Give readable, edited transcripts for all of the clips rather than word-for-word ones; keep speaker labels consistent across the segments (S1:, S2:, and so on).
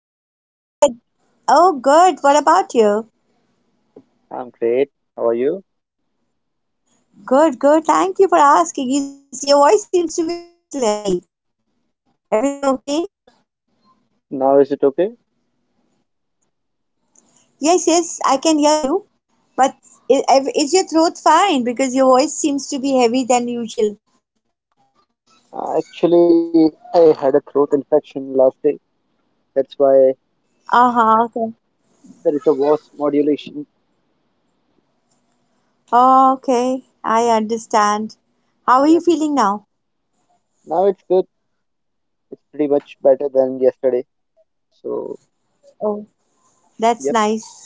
S1: Hey,
S2: Welcome to the
S1: Zed.
S2: podcast.
S1: Oh, good. What about you?
S2: I'm great. How are you?
S1: Good, good. Thank you for asking. You see, your voice seems to be a little heavy. Everything okay?
S2: Now, is it okay?
S1: Yes, yes, I can hear you. But is, is your throat fine? Because your voice seems to be heavy than usual.
S2: Actually, I had a throat infection last day. That's why
S1: Uh huh. Okay.
S2: there is a voice modulation.
S1: Oh, okay. I understand. How are you
S2: Yep.
S1: feeling now?
S2: Now it's good. It's pretty much better than yesterday. So,
S1: Oh, that's
S2: yep.
S1: nice.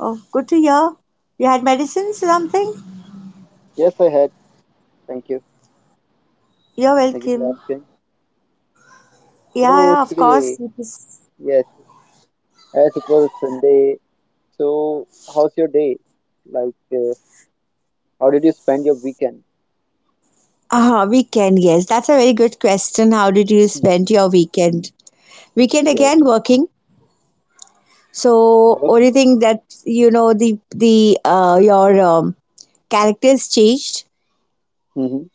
S1: Oh, good to hear. You had medicines, or something?
S2: Yes, I had. Thank you.
S1: You're
S2: Thank you for
S1: welcome.
S2: asking.
S1: Yeah,
S2: So,
S1: yeah, of
S2: today,
S1: course. It is.
S2: yes, as it was Sunday, so how's your day? Like, uh, how did you spend your weekend?
S1: Weekend, yes. That's a very good question. How did you
S2: hmm
S1: spend your weekend? Weekend
S2: Yeah.
S1: again working. So only
S2: Working?
S1: thing that you know the your characters changed
S2: Mm-hmm.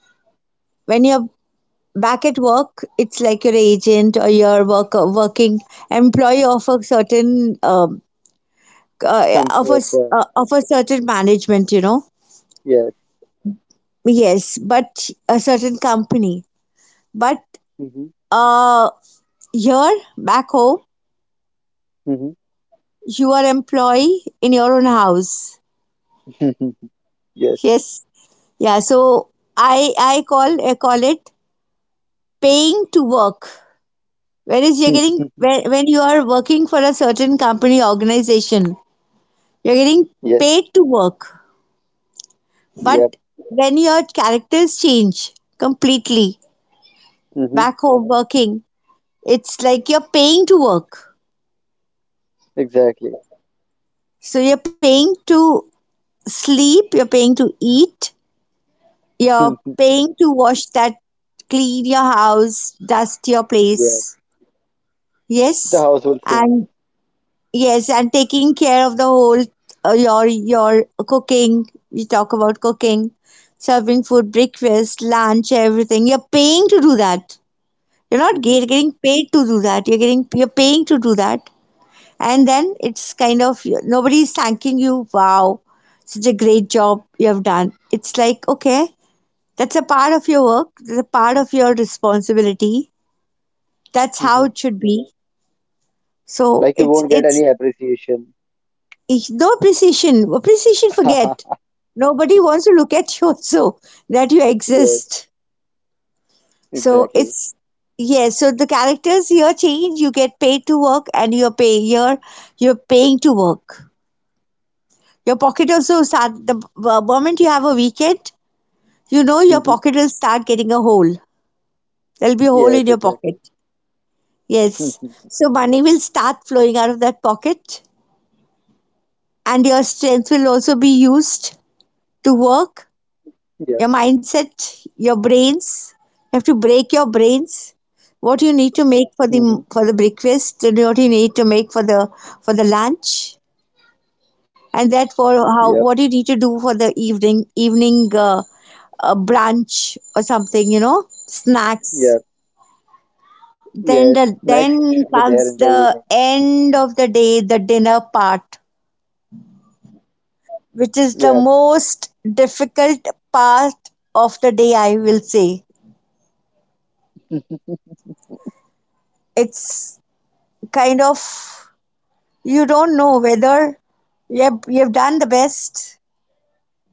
S1: when back at work. It's like your agent or your work working employee of a certain
S2: Company of, uh,
S1: of a certain management.
S2: yes.
S1: Yes, but a certain company. But
S2: Mhm.
S1: uh, here back home
S2: Mhm.
S1: you are employee in your own house.
S2: Yes,
S1: Yes. Yeah. So I call it paying to work. Whereas you're getting
S2: Mhm.
S1: when you are working for a certain company organization, you're getting
S2: yes, Yes.
S1: paid to work.
S2: yep,
S1: But when your characters change completely
S2: Mhm.
S1: back home working, it's like you're paying to work.
S2: exactly.
S1: So you're paying to sleep, you're paying to eat, you're
S2: Mhm.
S1: paying to wash, that clean your house, dust your
S2: Yeah,
S1: place.
S2: the
S1: Yes,
S2: household things.
S1: and yes, and taking care of the whole your cooking. You talk about cooking, serving food, breakfast, lunch, everything. You're paying to do that. You're not
S2: Mhm.
S1: getting paid to do that. You're paying to do that, and then it's kind of nobody's thanking you. Wow, such a great job you have done. It's like okay, that's a part of your work. That's a part of your responsibility. That's how it
S2: Mhm.
S1: should be. So
S2: Like you
S1: it's
S2: won't get
S1: it's,
S2: any appreciation.
S1: it's no precision. Well, precision forget. Nobody wants to look at you also, that you
S2: Yes,
S1: exist. So
S2: exactly.
S1: it's yes. So the characters here change. You get paid to work, and you're paying to work. Your pocket also start the moment you have a weekend. You know your pocket will start getting a hole.
S2: Mhm.
S1: There'll be a hole in your pocket.
S2: Yes, exactly.
S1: Yes. So money will
S2: Mhm.
S1: start flowing out of that pocket, and your strength will also be used to work, your
S2: Yep,
S1: mindset, your brains. You have to break your brains. What you need to make for the
S2: Mhm.
S1: breakfast, and what you need to make for the lunch, and that for how, what you need
S2: yep,
S1: to do for the evening brunch or something, snacks.
S2: yep.
S1: Then
S2: Yes,
S1: the
S2: next
S1: then
S2: should be there
S1: comes
S2: in the
S1: the
S2: evening.
S1: end of the day, the dinner part, which is
S2: Yep,
S1: the most difficult part of the day, I will say. It's kind of, you don't know whether you've done the best,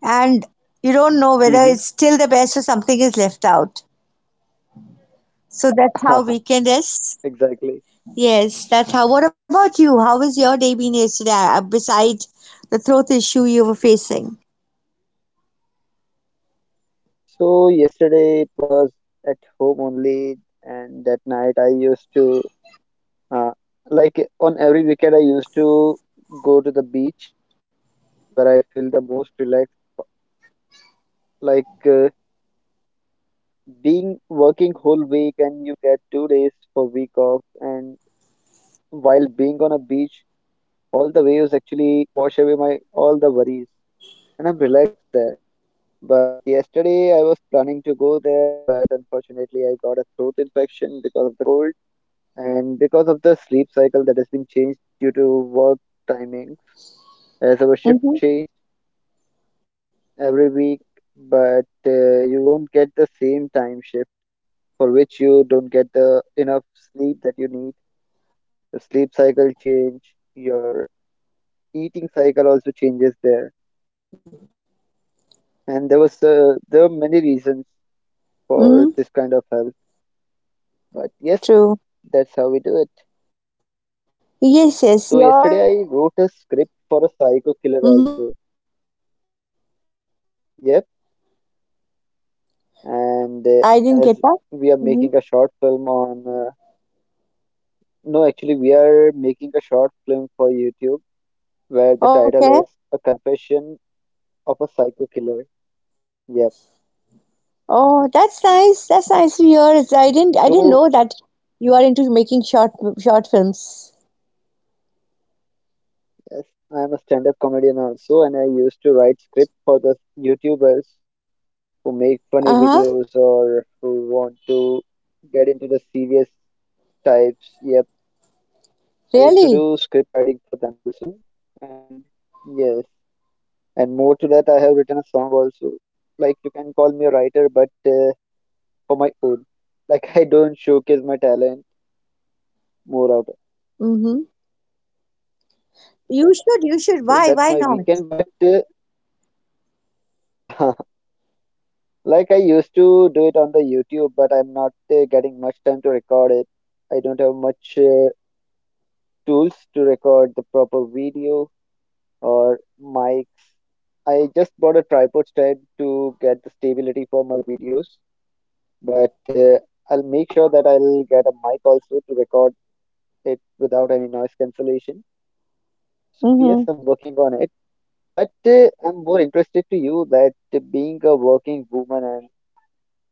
S1: and you don't know whether it's still the
S2: Mhm.
S1: best or something is left out. So that's how weekend is.
S2: exactly.
S1: Yes, that's how. What about you? How was your day been yesterday, besides the throat issue you were facing?
S2: So yesterday it was at home only, and that night I used to Uh, like on every weekend, I used to go to the beach where I feel the most relaxed. Like uh, being working whole week and you get 2 days for week off, and being on a beach, all the waves actually wash away my all the worries, and I'm relaxed there. But yesterday I was planning to go there, but unfortunately I got a throat infection because of the cold and because of the sleep cycle that has been changed due to work timing as our shift
S1: Mm-hmm.
S2: changed every week, but you won't get the same time shift for which you don't get the enough sleep that you need. Your sleep cycle change, your eating cycle also changes there, and there are many reasons for
S1: Mm-hmm.
S2: this kind of health. But yes,
S1: True.
S2: that's how do it.
S1: Yes,
S2: So
S1: yes. Your
S2: yesterday I wrote a script for a psycho killer
S1: mm-hmm.
S2: also. Yep, and
S1: I didn't
S2: as
S1: get that.
S2: we are making
S1: Mm-hmm.
S2: a short film on. No, actually, we are making a short film for YouTube where the
S1: Oh,
S2: title
S1: okay.
S2: is A Confession of a Psycho Killer. Yep.
S1: Oh, that's nice. That's nice to hear. I didn't I
S2: So,
S1: didn't know that you are into making short films.
S2: yes, I'm a stand up comedian also, and I used to write script for the YouTubers who make funny
S1: Uh-huh.
S2: videos or who want to get into the serious types. Yep. I used to
S1: Really?
S2: do script writing for them also. And yes, and more to that, I have written a song also. You can call me a writer, but for my own. Like, I don't showcase my talent more out
S1: Mm-hmm. You should, you
S2: so
S1: should.
S2: that's
S1: Why?
S2: my
S1: Why not?
S2: weekend but like I used to do it on the YouTube, but I'm not getting much time to record it. I don't have much tools to record the proper video or mics. I just bought a tripod stand to get the stability for my videos, but I'll make sure that I'll get a mic also to record it without any noise cancellation. So
S1: Mm-hmm.
S2: yes, I'm working on it. But I'm more interested to you that being a working woman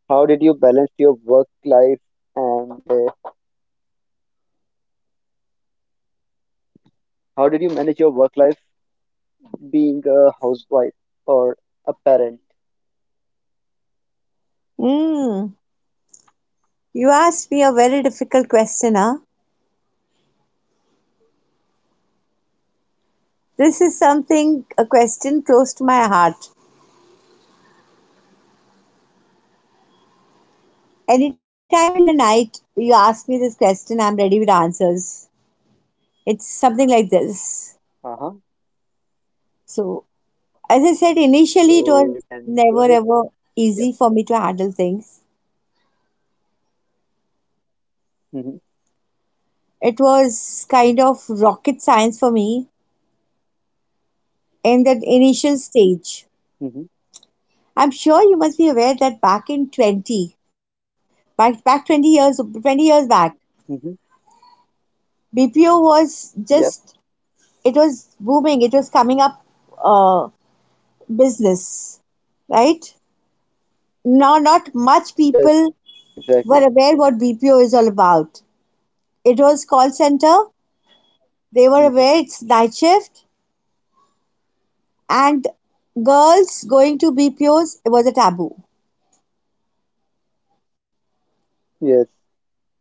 S2: how did you balance your work life and how did you manage your work life being a housewife or a parent?
S1: Mm. You asked me a very difficult question, huh? This is something, a question close to my heart. Anytime in the night you ask me this question, I'm ready with answers. It's something like this.
S2: Uh huh.
S1: So, as I said, initially it
S2: So you
S1: was
S2: can go ahead.
S1: never ever
S2: Yep.
S1: easy for me to handle things.
S2: Mm-hmm.
S1: It was kind of rocket science for me in that initial stage.
S2: Mm-hmm.
S1: I'm sure you must be aware that back in 20, back 20 years, 20 years back,
S2: Mm-hmm.
S1: BPO was
S2: Yep.
S1: just, it was booming, it was coming up, uh, business, right? Now, not much
S2: Yes.
S1: people
S2: Exactly.
S1: were aware what BPO is all about. It was call center, they were
S2: Mm-hmm.
S1: aware it's night shift, and girls going to BPOs, it was a taboo.
S2: Yes.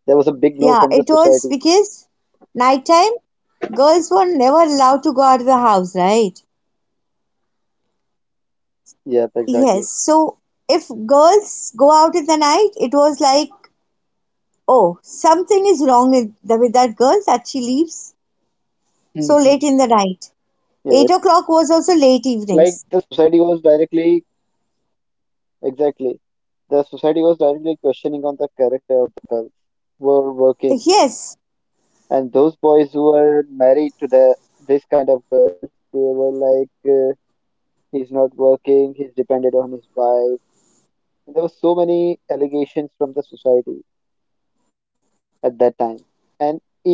S2: There was a big
S1: Yeah,
S2: no
S1: it
S2: from the
S1: was
S2: society.
S1: because nighttime girls were never allowed to go out of the house, right?
S2: Yep.
S1: Yes.
S2: Exactly.
S1: So if girls go out in the night, it was like, oh, something is wrong with that girl, that she leaves so
S2: Mm-hmm.
S1: late in the night.
S2: Yes.
S1: 8 o'clock was also late
S2: Like
S1: evenings.
S2: the society was directly exactly, the society was directly questioning on the character of the girls who were working,
S1: Yes.
S2: and those boys who were married to the this kind of girls, they were like he's not working, he's dependent on his wife. And there were so many allegations from the society at that time, and in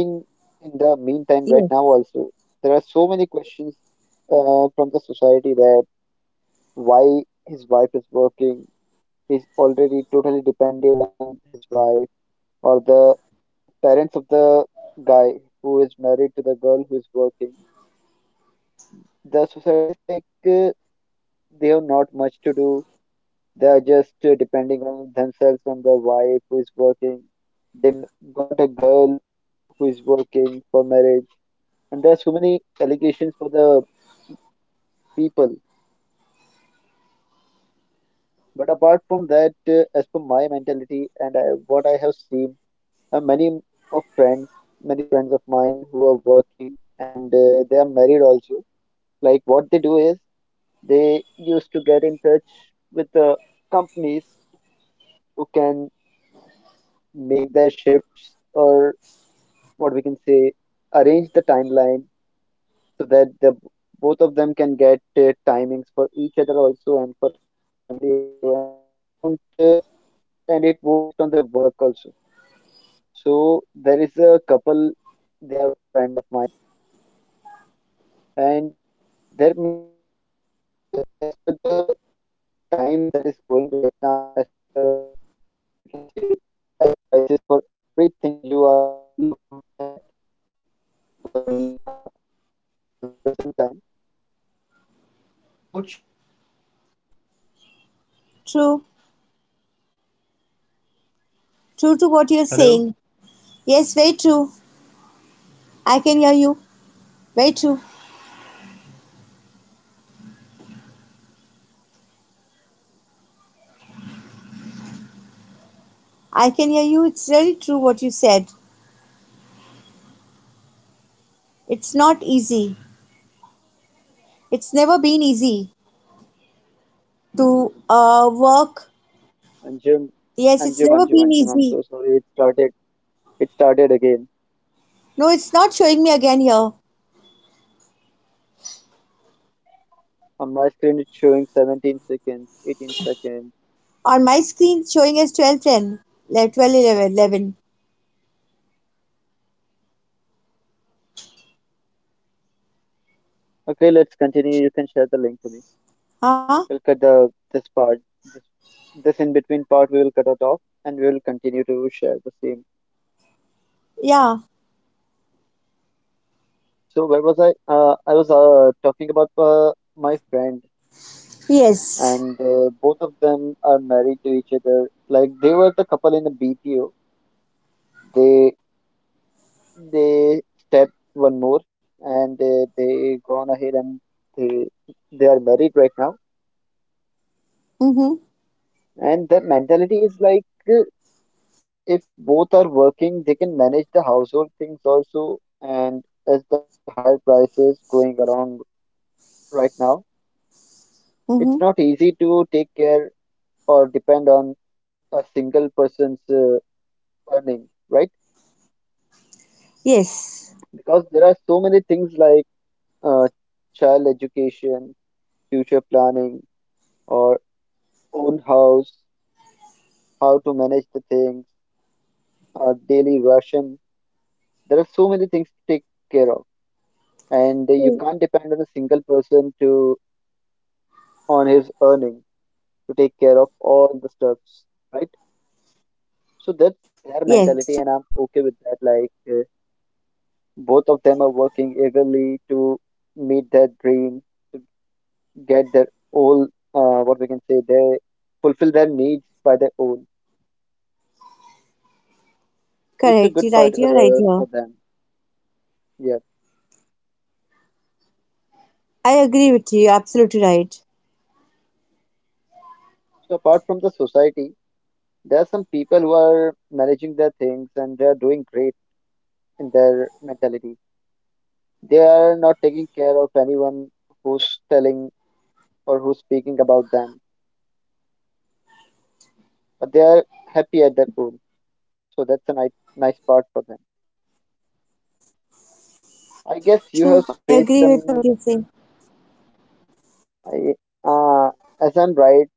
S2: in the
S1: Yes.
S2: meantime right now also, there are so many questions from the society that why his wife is working, he's already totally dependent on his wife, or the parents of the guy who is married to the girl who is working, the society is like they have not much to do. They are just depending on themselves, on their wife who is working. They m- got a girl who is working for marriage, and there are so many allegations for the people. But apart from that, as per my mentality and I, what I have seen, many of friends, many friends of mine who are working and they are married also. Like what they do is they used to get in touch with the companies who can make their shifts or what we can say arrange the timeline so that the both of them can get timings for each other also and for the family also and they don't and it won't affect on their work also. So there is a couple, they are friend of mine, and their mentality is like as per the time that is going right now, as per the what we can say high prices for everything you are looking at for the mean for the present time.
S1: True. True to what you're saying. Yes, very true. I can hear you. Very true. I can hear you. It's really true what you said. It's not easy. It's never been easy to work.
S2: Anjum,
S1: Yes, it's never
S2: Anjum,
S1: been
S2: Anjum,
S1: easy.
S2: Anjum, I'm so sorry. It started. It started again.
S1: No, it's not showing me again here.
S2: On my screen, it's showing 17 seconds, 18 seconds.
S1: On my screen, it's showing as 12:10, 12:11, twelve eleven eleven.
S2: Okay, let's continue. You can share the link to me. We'll
S1: Huh?
S2: cut the this part, this this in between part. We will cut it off, and we will continue to share the same.
S1: Yeah.
S2: So where was I? I was talking about my friend, and
S1: Yes.
S2: both of them are married to each other. Like they were the couple in a BPO. They step one more and they gone ahead and they they are married right now,
S1: Mm-hmm.
S2: and their mentality is like uh, if both are working, they can manage the household things also, and as the higher prices going around right now,
S1: Mm-hmm.
S2: it's not easy to take care or depend on a single person's earning, right?
S1: Yes.
S2: Because there are so many things like uh, child education, future planning, or own house, how to manage the things, daily ration. There are so many things to take care of, and you
S1: True.
S2: can't depend on a single person to on his earning to take care of all the stuffs, right? So that's their
S1: Yes, true.
S2: mentality, and I'm okay with that. Like both of them are working eagerly to meet their dream, to get their whole what we can say they fulfill their needs by their own. So
S1: Correct.
S2: it's a
S1: You're
S2: good
S1: right. You're
S2: part
S1: right here.
S2: for them. Yeah.
S1: I agree with you. You're absolutely right.
S2: So apart from the society, there are some people who are managing their things and they are doing great in their mentality. They are not taking care of anyone who's telling or who's speaking about them, but they are happy at their own. So that's a nice, nice part for them. I
S1: True.
S2: guess
S1: I
S2: you have
S1: agree with what
S2: faced
S1: you're saying.
S2: some, I, uh, as I'm right,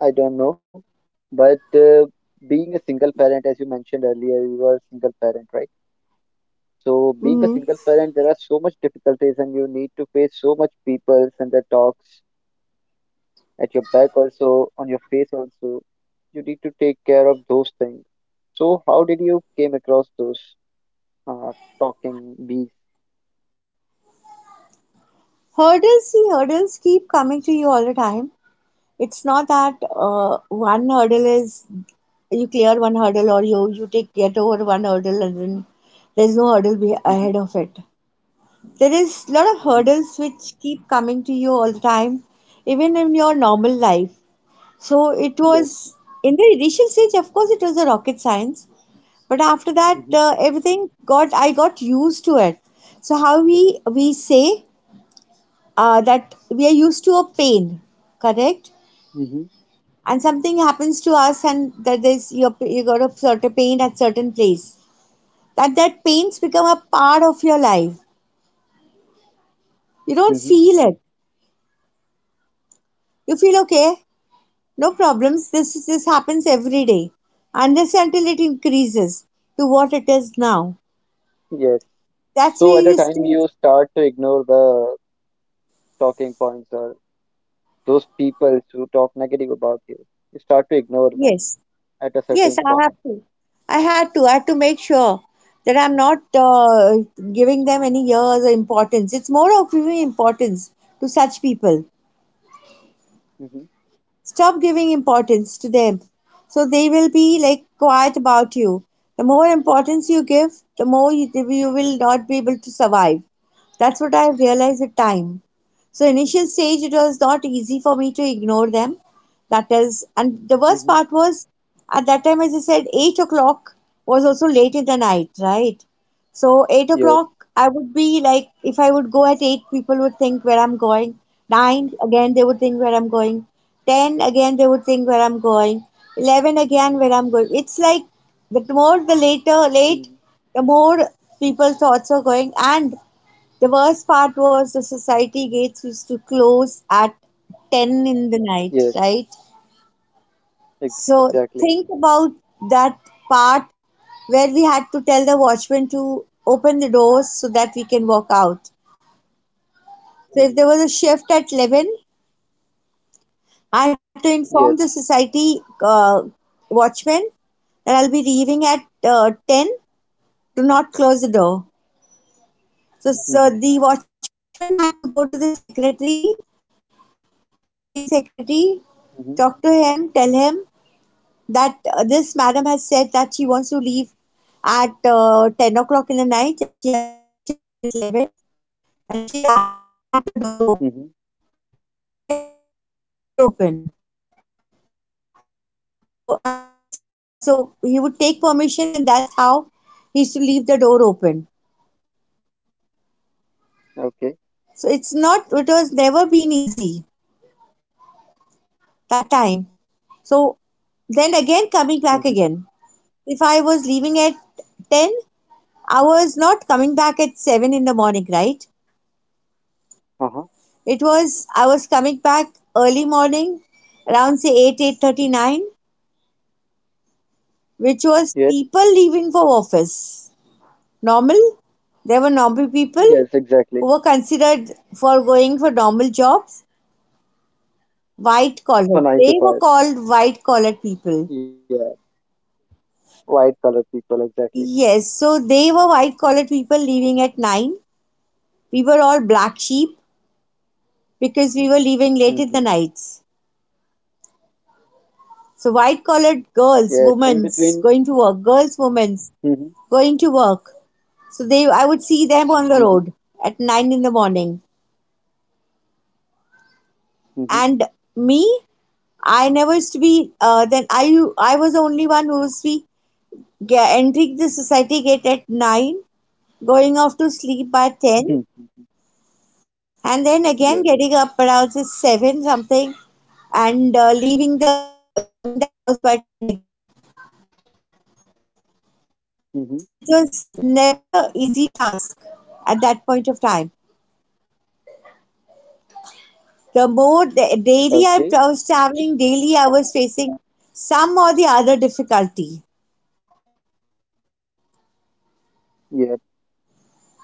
S2: I don't know, but being a single parent, as you mentioned earlier, you are a single parent, right? So being
S1: Mm-hmm.
S2: a single parent, there are so much difficulties and you need to face so much peoples and their talks at your back also on your face also, you need to take care of those things. So how did you came across those uh, talking bees?
S1: Hurdles, see, hurdles keep coming to you all the time. It's not that, one hurdle is, you clear one hurdle or you take get over one hurdle and then there's no hurdle be ahead
S2: Mm-hmm.
S1: of it. There is a lot of
S2: Mm-hmm.
S1: hurdles which keep coming to you all the time, even in your normal life. So it
S2: yes
S1: was, in the initial stage, of course, it was a rocket science, but after that,
S2: mm-hmm.
S1: everything got I got used to it. So how we say, that we are used to a pain, correct?
S2: Mm-hmm.
S1: And something happens to us, and that there's, you got a certain pain at certain place, that pains become a part of your life. You don't
S2: Mm-hmm.
S1: feel it. You feel okay. No problems. This happens every day, unless and until it increases to what it is now.
S2: yes
S1: That's where
S2: so at a
S1: you
S2: time
S1: still.
S2: you start to ignore the talking points or those people who talk negative about you, you start to ignore
S1: Yes.
S2: them at a
S1: Yes.
S2: certain
S1: i
S2: point.
S1: have to i had to I had to make sure that I'm not, giving them any years or importance. It's more of giving importance to such people.
S2: Mm-hmm.
S1: Stop giving importance to them. So they will be like quiet about you. The more importance you give, the more you will not be able to survive. That's what I have realized with time. So initial stage, it was not easy for me to ignore them. And the
S2: Mm-hmm.
S1: worst part was, at that time, as I said, 8 o'clock was also late in the night, right? So 8
S2: yes
S1: o'clock, I would be like, if I would go at 8, people would think where I'm going. 9, again, they would think where I'm going. 10, again, they would think where I'm going. 11, again, where I'm going. It's like the more
S2: mm-hmm.
S1: late, the more people thoughts are going. And the worst part was, the society gates used to close at 10
S2: yes
S1: in the night, right?
S2: exactly
S1: So think about that part, where we had to tell the watchman to open the doors so that we can walk out.
S2: mm-hmm.
S1: So if there was a shift at 11,
S2: yes
S1: I had to inform the society, watchman, that I'll be leaving at 10, to not close the door.
S2: mm-hmm.
S1: So the watchman had to go to the secretary, the building secretary, talk to him, tell
S2: Mm-hmm.
S1: him that, this madam has said that she wants to leave at 10 o'clock in the night, as she has a shift at 11 and she's asked me to keep the door open,
S2: Mm-hmm.
S1: so can I leave the door open. So I had to see, so he would take permission, and that's how he used to leave the door open.
S2: Okay.
S1: So it's not, it was never been easy, that time. So then again, coming back
S2: Mm-hmm.
S1: again. If I was leaving 10, I was not coming back at 7 in the morning, right?
S2: Uh-huh.
S1: It was I was coming back early morning, around say 8, 8:39, which was
S2: Yes.
S1: people leaving for office. Normal. There were normal people
S2: Yes,
S1: who
S2: exactly.
S1: were considered for going for normal jobs. White collar.
S2: For
S1: They
S2: nine to
S1: were
S2: five.
S1: called white collar people.
S2: Yeah. White colored people, exactly.
S1: Yes, so they were white collar people leaving at 9. We were all black sheep because we were leaving late in the
S2: Mm-hmm.
S1: nights. So white collared
S2: Yes. In between.
S1: girls, women's
S2: Mm-hmm.
S1: going to work. So I would see them on the road
S2: Mm-hmm.
S1: at 9 in the morning,
S2: Mm-hmm.
S1: and me, I never used to be. Then I was the only one who used to be entering the society gate at 9, going off to sleep by 10,
S2: Mm-hmm.
S1: and then again
S2: Yeah.
S1: getting up around say 7 something, and leaving the house by 10 again.
S2: Mm-hmm.
S1: So it was never a easy task at that point of time. The more the daily I
S2: Okay.
S1: was traveling, daily I was facing some or the other difficulty.
S2: Yeah.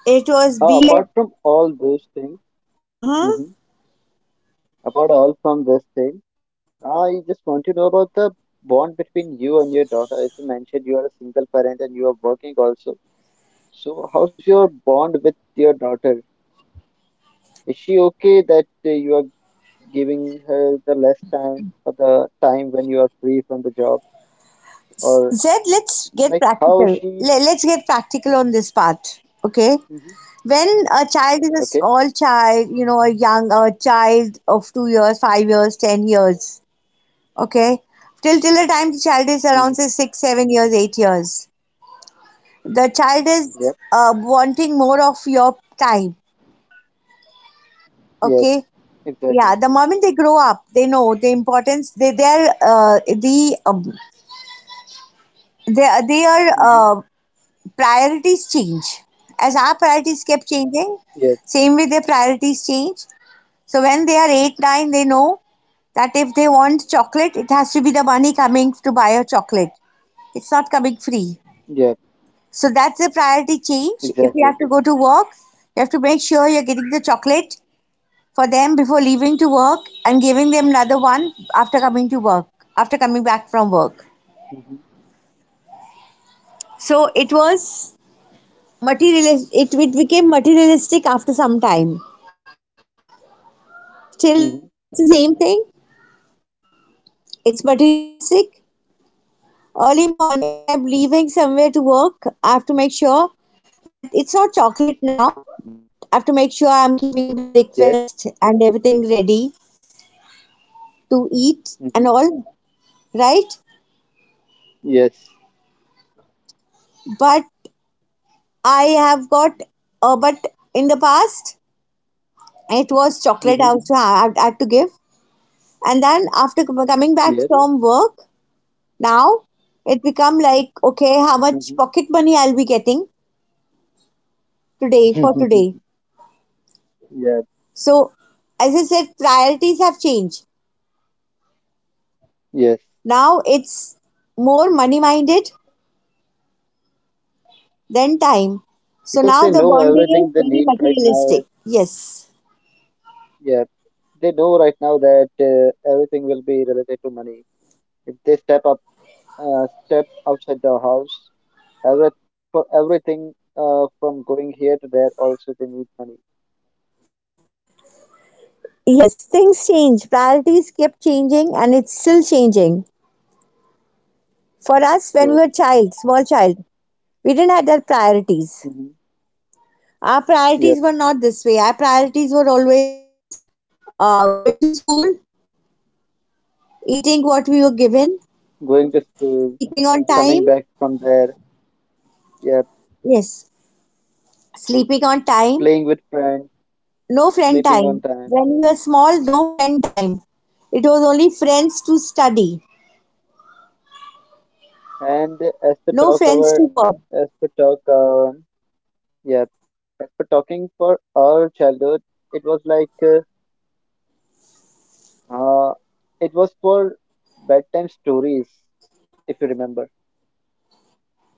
S1: It was be
S2: Apart
S1: it.
S2: from all those things,
S1: Uh-huh.
S2: mm-hmm. apart all from this thing, I just want to know about the bond between you and your daughter. As you mentioned, you are a single parent and you are working also. So, how's your bond with your daughter? Is she okay that you are giving her the less time or the time when you are free from the job or
S1: Zed, let's get
S2: like how
S1: practical.
S2: she
S1: Let's get practical on this part. Okay.
S2: hmm
S1: When a child is a
S2: okay
S1: small child, you know, a young a child of 2 years, 5 years, 10 years. Okay. Till the time the child is around
S2: hmm
S1: say six, 7 years, 8 years. The child is
S2: yep
S1: wanting more of your time. Okay,
S2: yes
S1: yeah, the
S2: exactly
S1: moment they grow up they know the importance they their the their their
S2: hmm
S1: uh, priorities change as our priorities kept changing,
S2: yes
S1: same way their priorities change. So when they are 8 9 they know that if they want chocolate it has to be the money coming to buy a chocolate, it's not coming free.
S2: yes
S1: So that's the priority change. If you have to
S2: exactly
S1: go to work you have to make sure you're getting the chocolate for them before leaving to work and giving them another one after coming to work, after coming back from work.
S2: hmm
S1: So it was materialist. it became materialistic after some time. Till now it's the
S2: hmm
S1: same thing, it's materialistic. Early morning if I'm leaving somewhere to work I have to make sure that it's not chocolate now, but I have to make sure I'm keeping the
S2: yes
S1: breakfast and everything ready to eat and
S2: hmm
S1: all, right?
S2: yes
S1: But I have got, but in the past it was chocolate
S2: hmm
S1: I was also I had to give, and then after coming
S2: yes
S1: back from work, now it become like okay, how
S2: hmm
S1: much pocket money I'll be getting today for today.
S2: yeah
S1: So as I said, priorities have changed.
S2: yes
S1: Now it's more money minded than time. So
S2: because
S1: now
S2: they
S1: the
S2: know
S1: bonding is
S2: everything they
S1: very
S2: need right now is
S1: materialistic. Yes.
S2: yeah they know right now that everything will be related to money if they step up step outside the house. Every, for everything from going here to there, also they need money.
S1: Yes, things change. Priorities kept changing and it's still changing. For
S2: Yes.
S1: us when we were child small child we didn't have that priorities,
S2: hmm
S1: our
S2: Yep.
S1: priorities were not this way, our priorities were always going to school, eating what we were given,
S2: Going to school,
S1: sleeping on time,
S2: coming back from there, yeah,
S1: yes, sleeping on time,
S2: playing with friends,
S1: no friend
S2: sleeping on
S1: time,
S2: time.
S1: when we were small no friend time, it was only friends to study,
S2: And as per
S1: no
S2: talk
S1: friends to
S2: our
S1: work.
S2: as per talk yeah, as per talking for our childhood, it uh it was for bedtime stories, if you remember.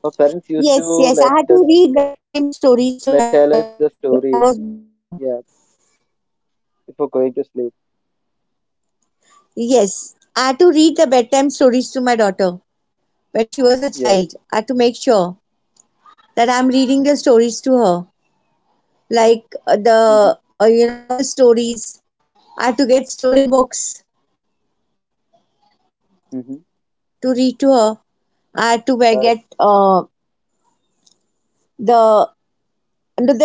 S2: Our parents used to
S1: Yes, yes, I
S2: let
S1: had to
S2: us
S1: read bedtime stories to my
S2: let tell
S1: daughter
S2: us the
S1: if I
S2: story,
S1: was home, yeah.
S2: yeah, before going to sleep.
S1: Yes, I had to read the bedtime stories to my daughter when she was a
S2: Yeah.
S1: child. I had to make sure that I'm reading the stories to her, like
S2: hmm
S1: the you know, all stories. I had to get story books
S2: hmm
S1: to read to her. I had to
S2: But
S1: get the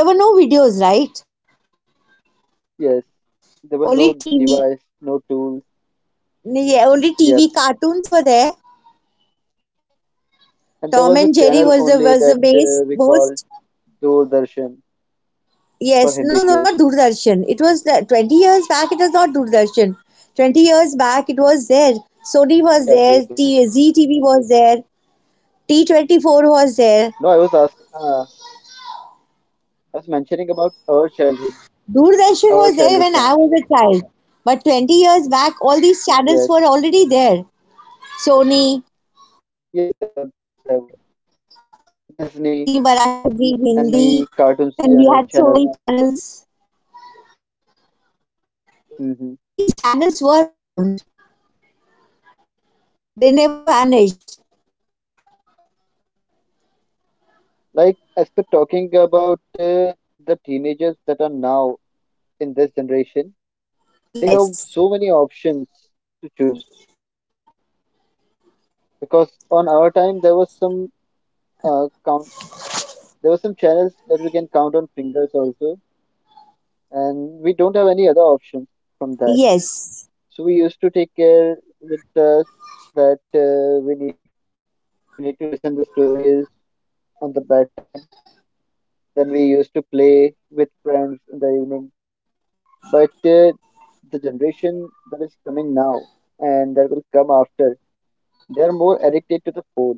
S1: and there were no videos, right?
S2: yes, there were no
S1: Only
S2: device,
S1: TV.
S2: no tools.
S1: Yeah, only
S2: Yep.
S1: TV cartoons were there.
S2: And there
S1: Tom
S2: was a
S1: and Jerry
S2: channel only
S1: was the
S2: that
S1: base
S2: we called
S1: most.
S2: Doordarshan for
S1: Yes,
S2: Hindi
S1: no, no, not
S2: shows.
S1: Doordarshan. It was the, 20 years back, it was not Doordarshan. 20 years back, it was there.
S2: Yep, yep, yep.
S1: Sony was there, TZTV was there,
S2: No, I was
S1: T24
S2: ask.
S1: was there.
S2: I was mentioning about our childhood times.
S1: Doordarshan was there when I was a child. But 20 years
S2: Yes,
S1: back, all these channels were already there, Sony,
S2: yes,
S1: Z
S2: there were
S1: Z T V Z
S2: Disney
S1: Marathi, Z
S2: and
S1: Hindi.
S2: many
S1: Then
S2: cartoon
S1: we had Sony
S2: channels.
S1: channels. All these
S2: Hmm
S1: channels were around, they never vanished.
S2: Like as per talking about the teenagers that are now in this generation,
S1: Yes,
S2: they have so many options to choose because on our time there was some count, there were some channels that we can count on fingers also and have any other options from that.
S1: yes.
S2: So we used to take care with us that we need to listen the stories on the bad time, then we used to play with friends in the evening, but the generation that is coming now and that will after, they are more addicted to the phone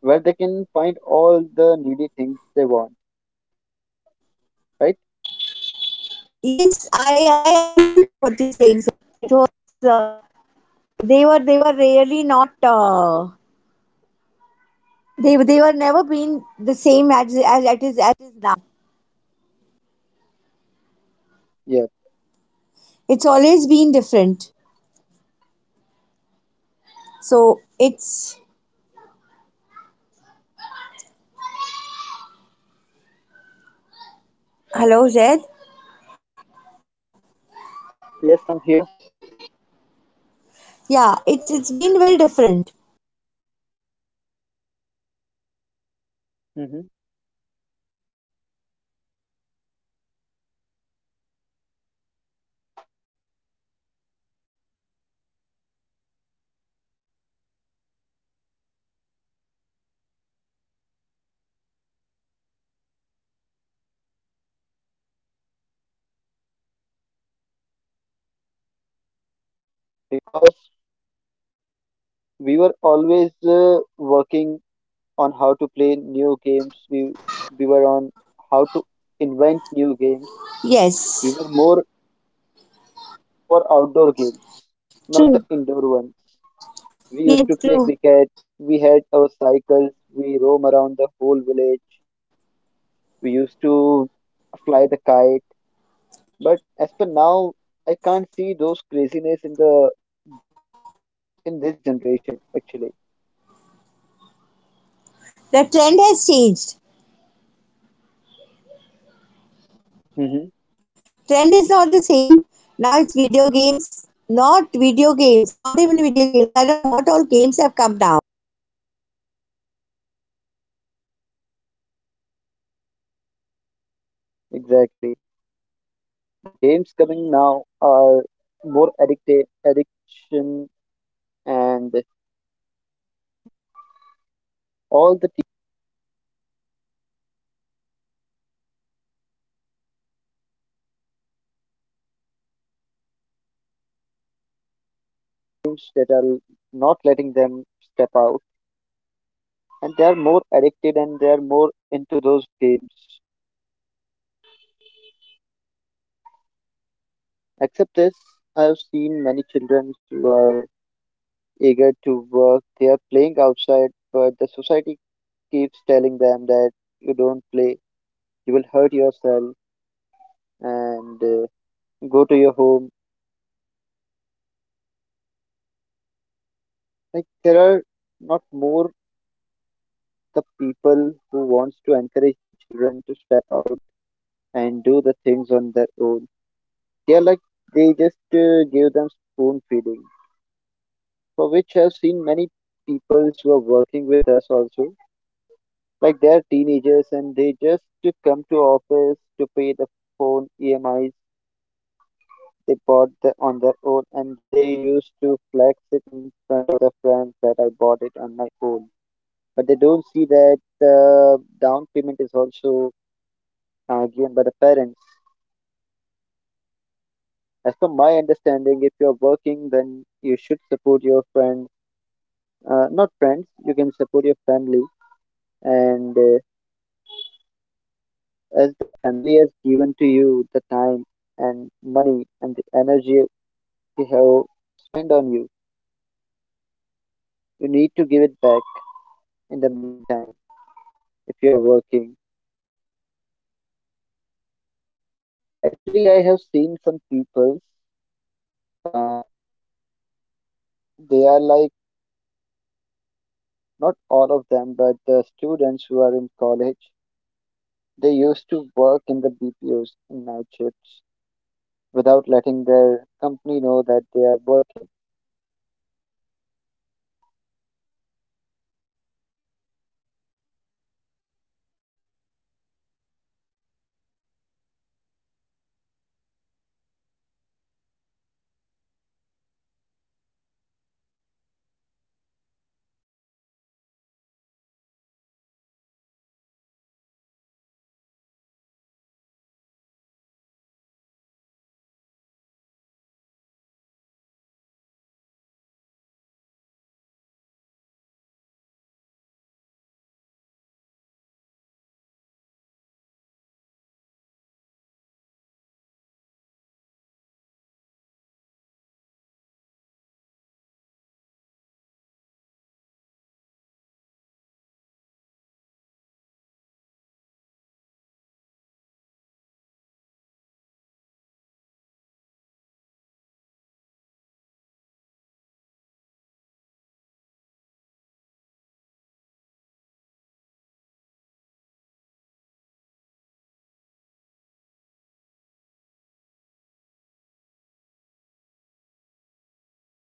S2: where they can find all the needy things they want, right?
S1: Yes, I agree with you what you're saying, sir.
S2: Yes, I'm here. Hmm Because we were always working on how to play new games. We were on how to new games. We were
S1: Yes,
S2: more for outdoor games, not the
S1: true.
S2: indoor ones. We used to
S1: Yes,
S2: play
S1: true.
S2: cricket. We had our cycles. We roam around the whole village. We used to fly the kite. But as per now, I can't see those craziness in the in this generation actually.
S1: The trend has changed.
S2: Hmm
S1: Trend is not the same. Now it's video games. Not video games. Not even video games. I don't know what all games have come now. Technique, technicality is also changed,
S2: Exactly. The games coming now are more addictive,
S1: right?
S2: addiction, and all the
S1: It's not the same as it it used to be in the past. Past was completely different.
S2: teams that are not letting them step out, and they are more addicted and they are more into those games. Except this, I've seen many children who are eager to work. They are playing outside, but the society keeps telling them that you don't play, you will hurt yourself, and go to your home.
S1: It's never been the same.
S2: Like there are not more the people who wants to encourage the children to step out and do the things on their own. They are like they just give them spoon feeding, for which I've seen many people who are
S1: Zed, are
S2: working
S1: you able
S2: with
S1: to
S2: us
S1: hear me?
S2: also. Like they are teenagers and they just to come to office to pay the phone EMIs they bought the, on their own and they used to flex it in front of their friends that I bought it on my own. But they don't see that the down payment is also given by the parents. As per my understanding, if you're working, then you should support your friends, not friends, you can support your family. And as the family has given to you the time and money and the energy they have spent on you, you need to give it back in the meantime if you're working. They are like, not all of them, but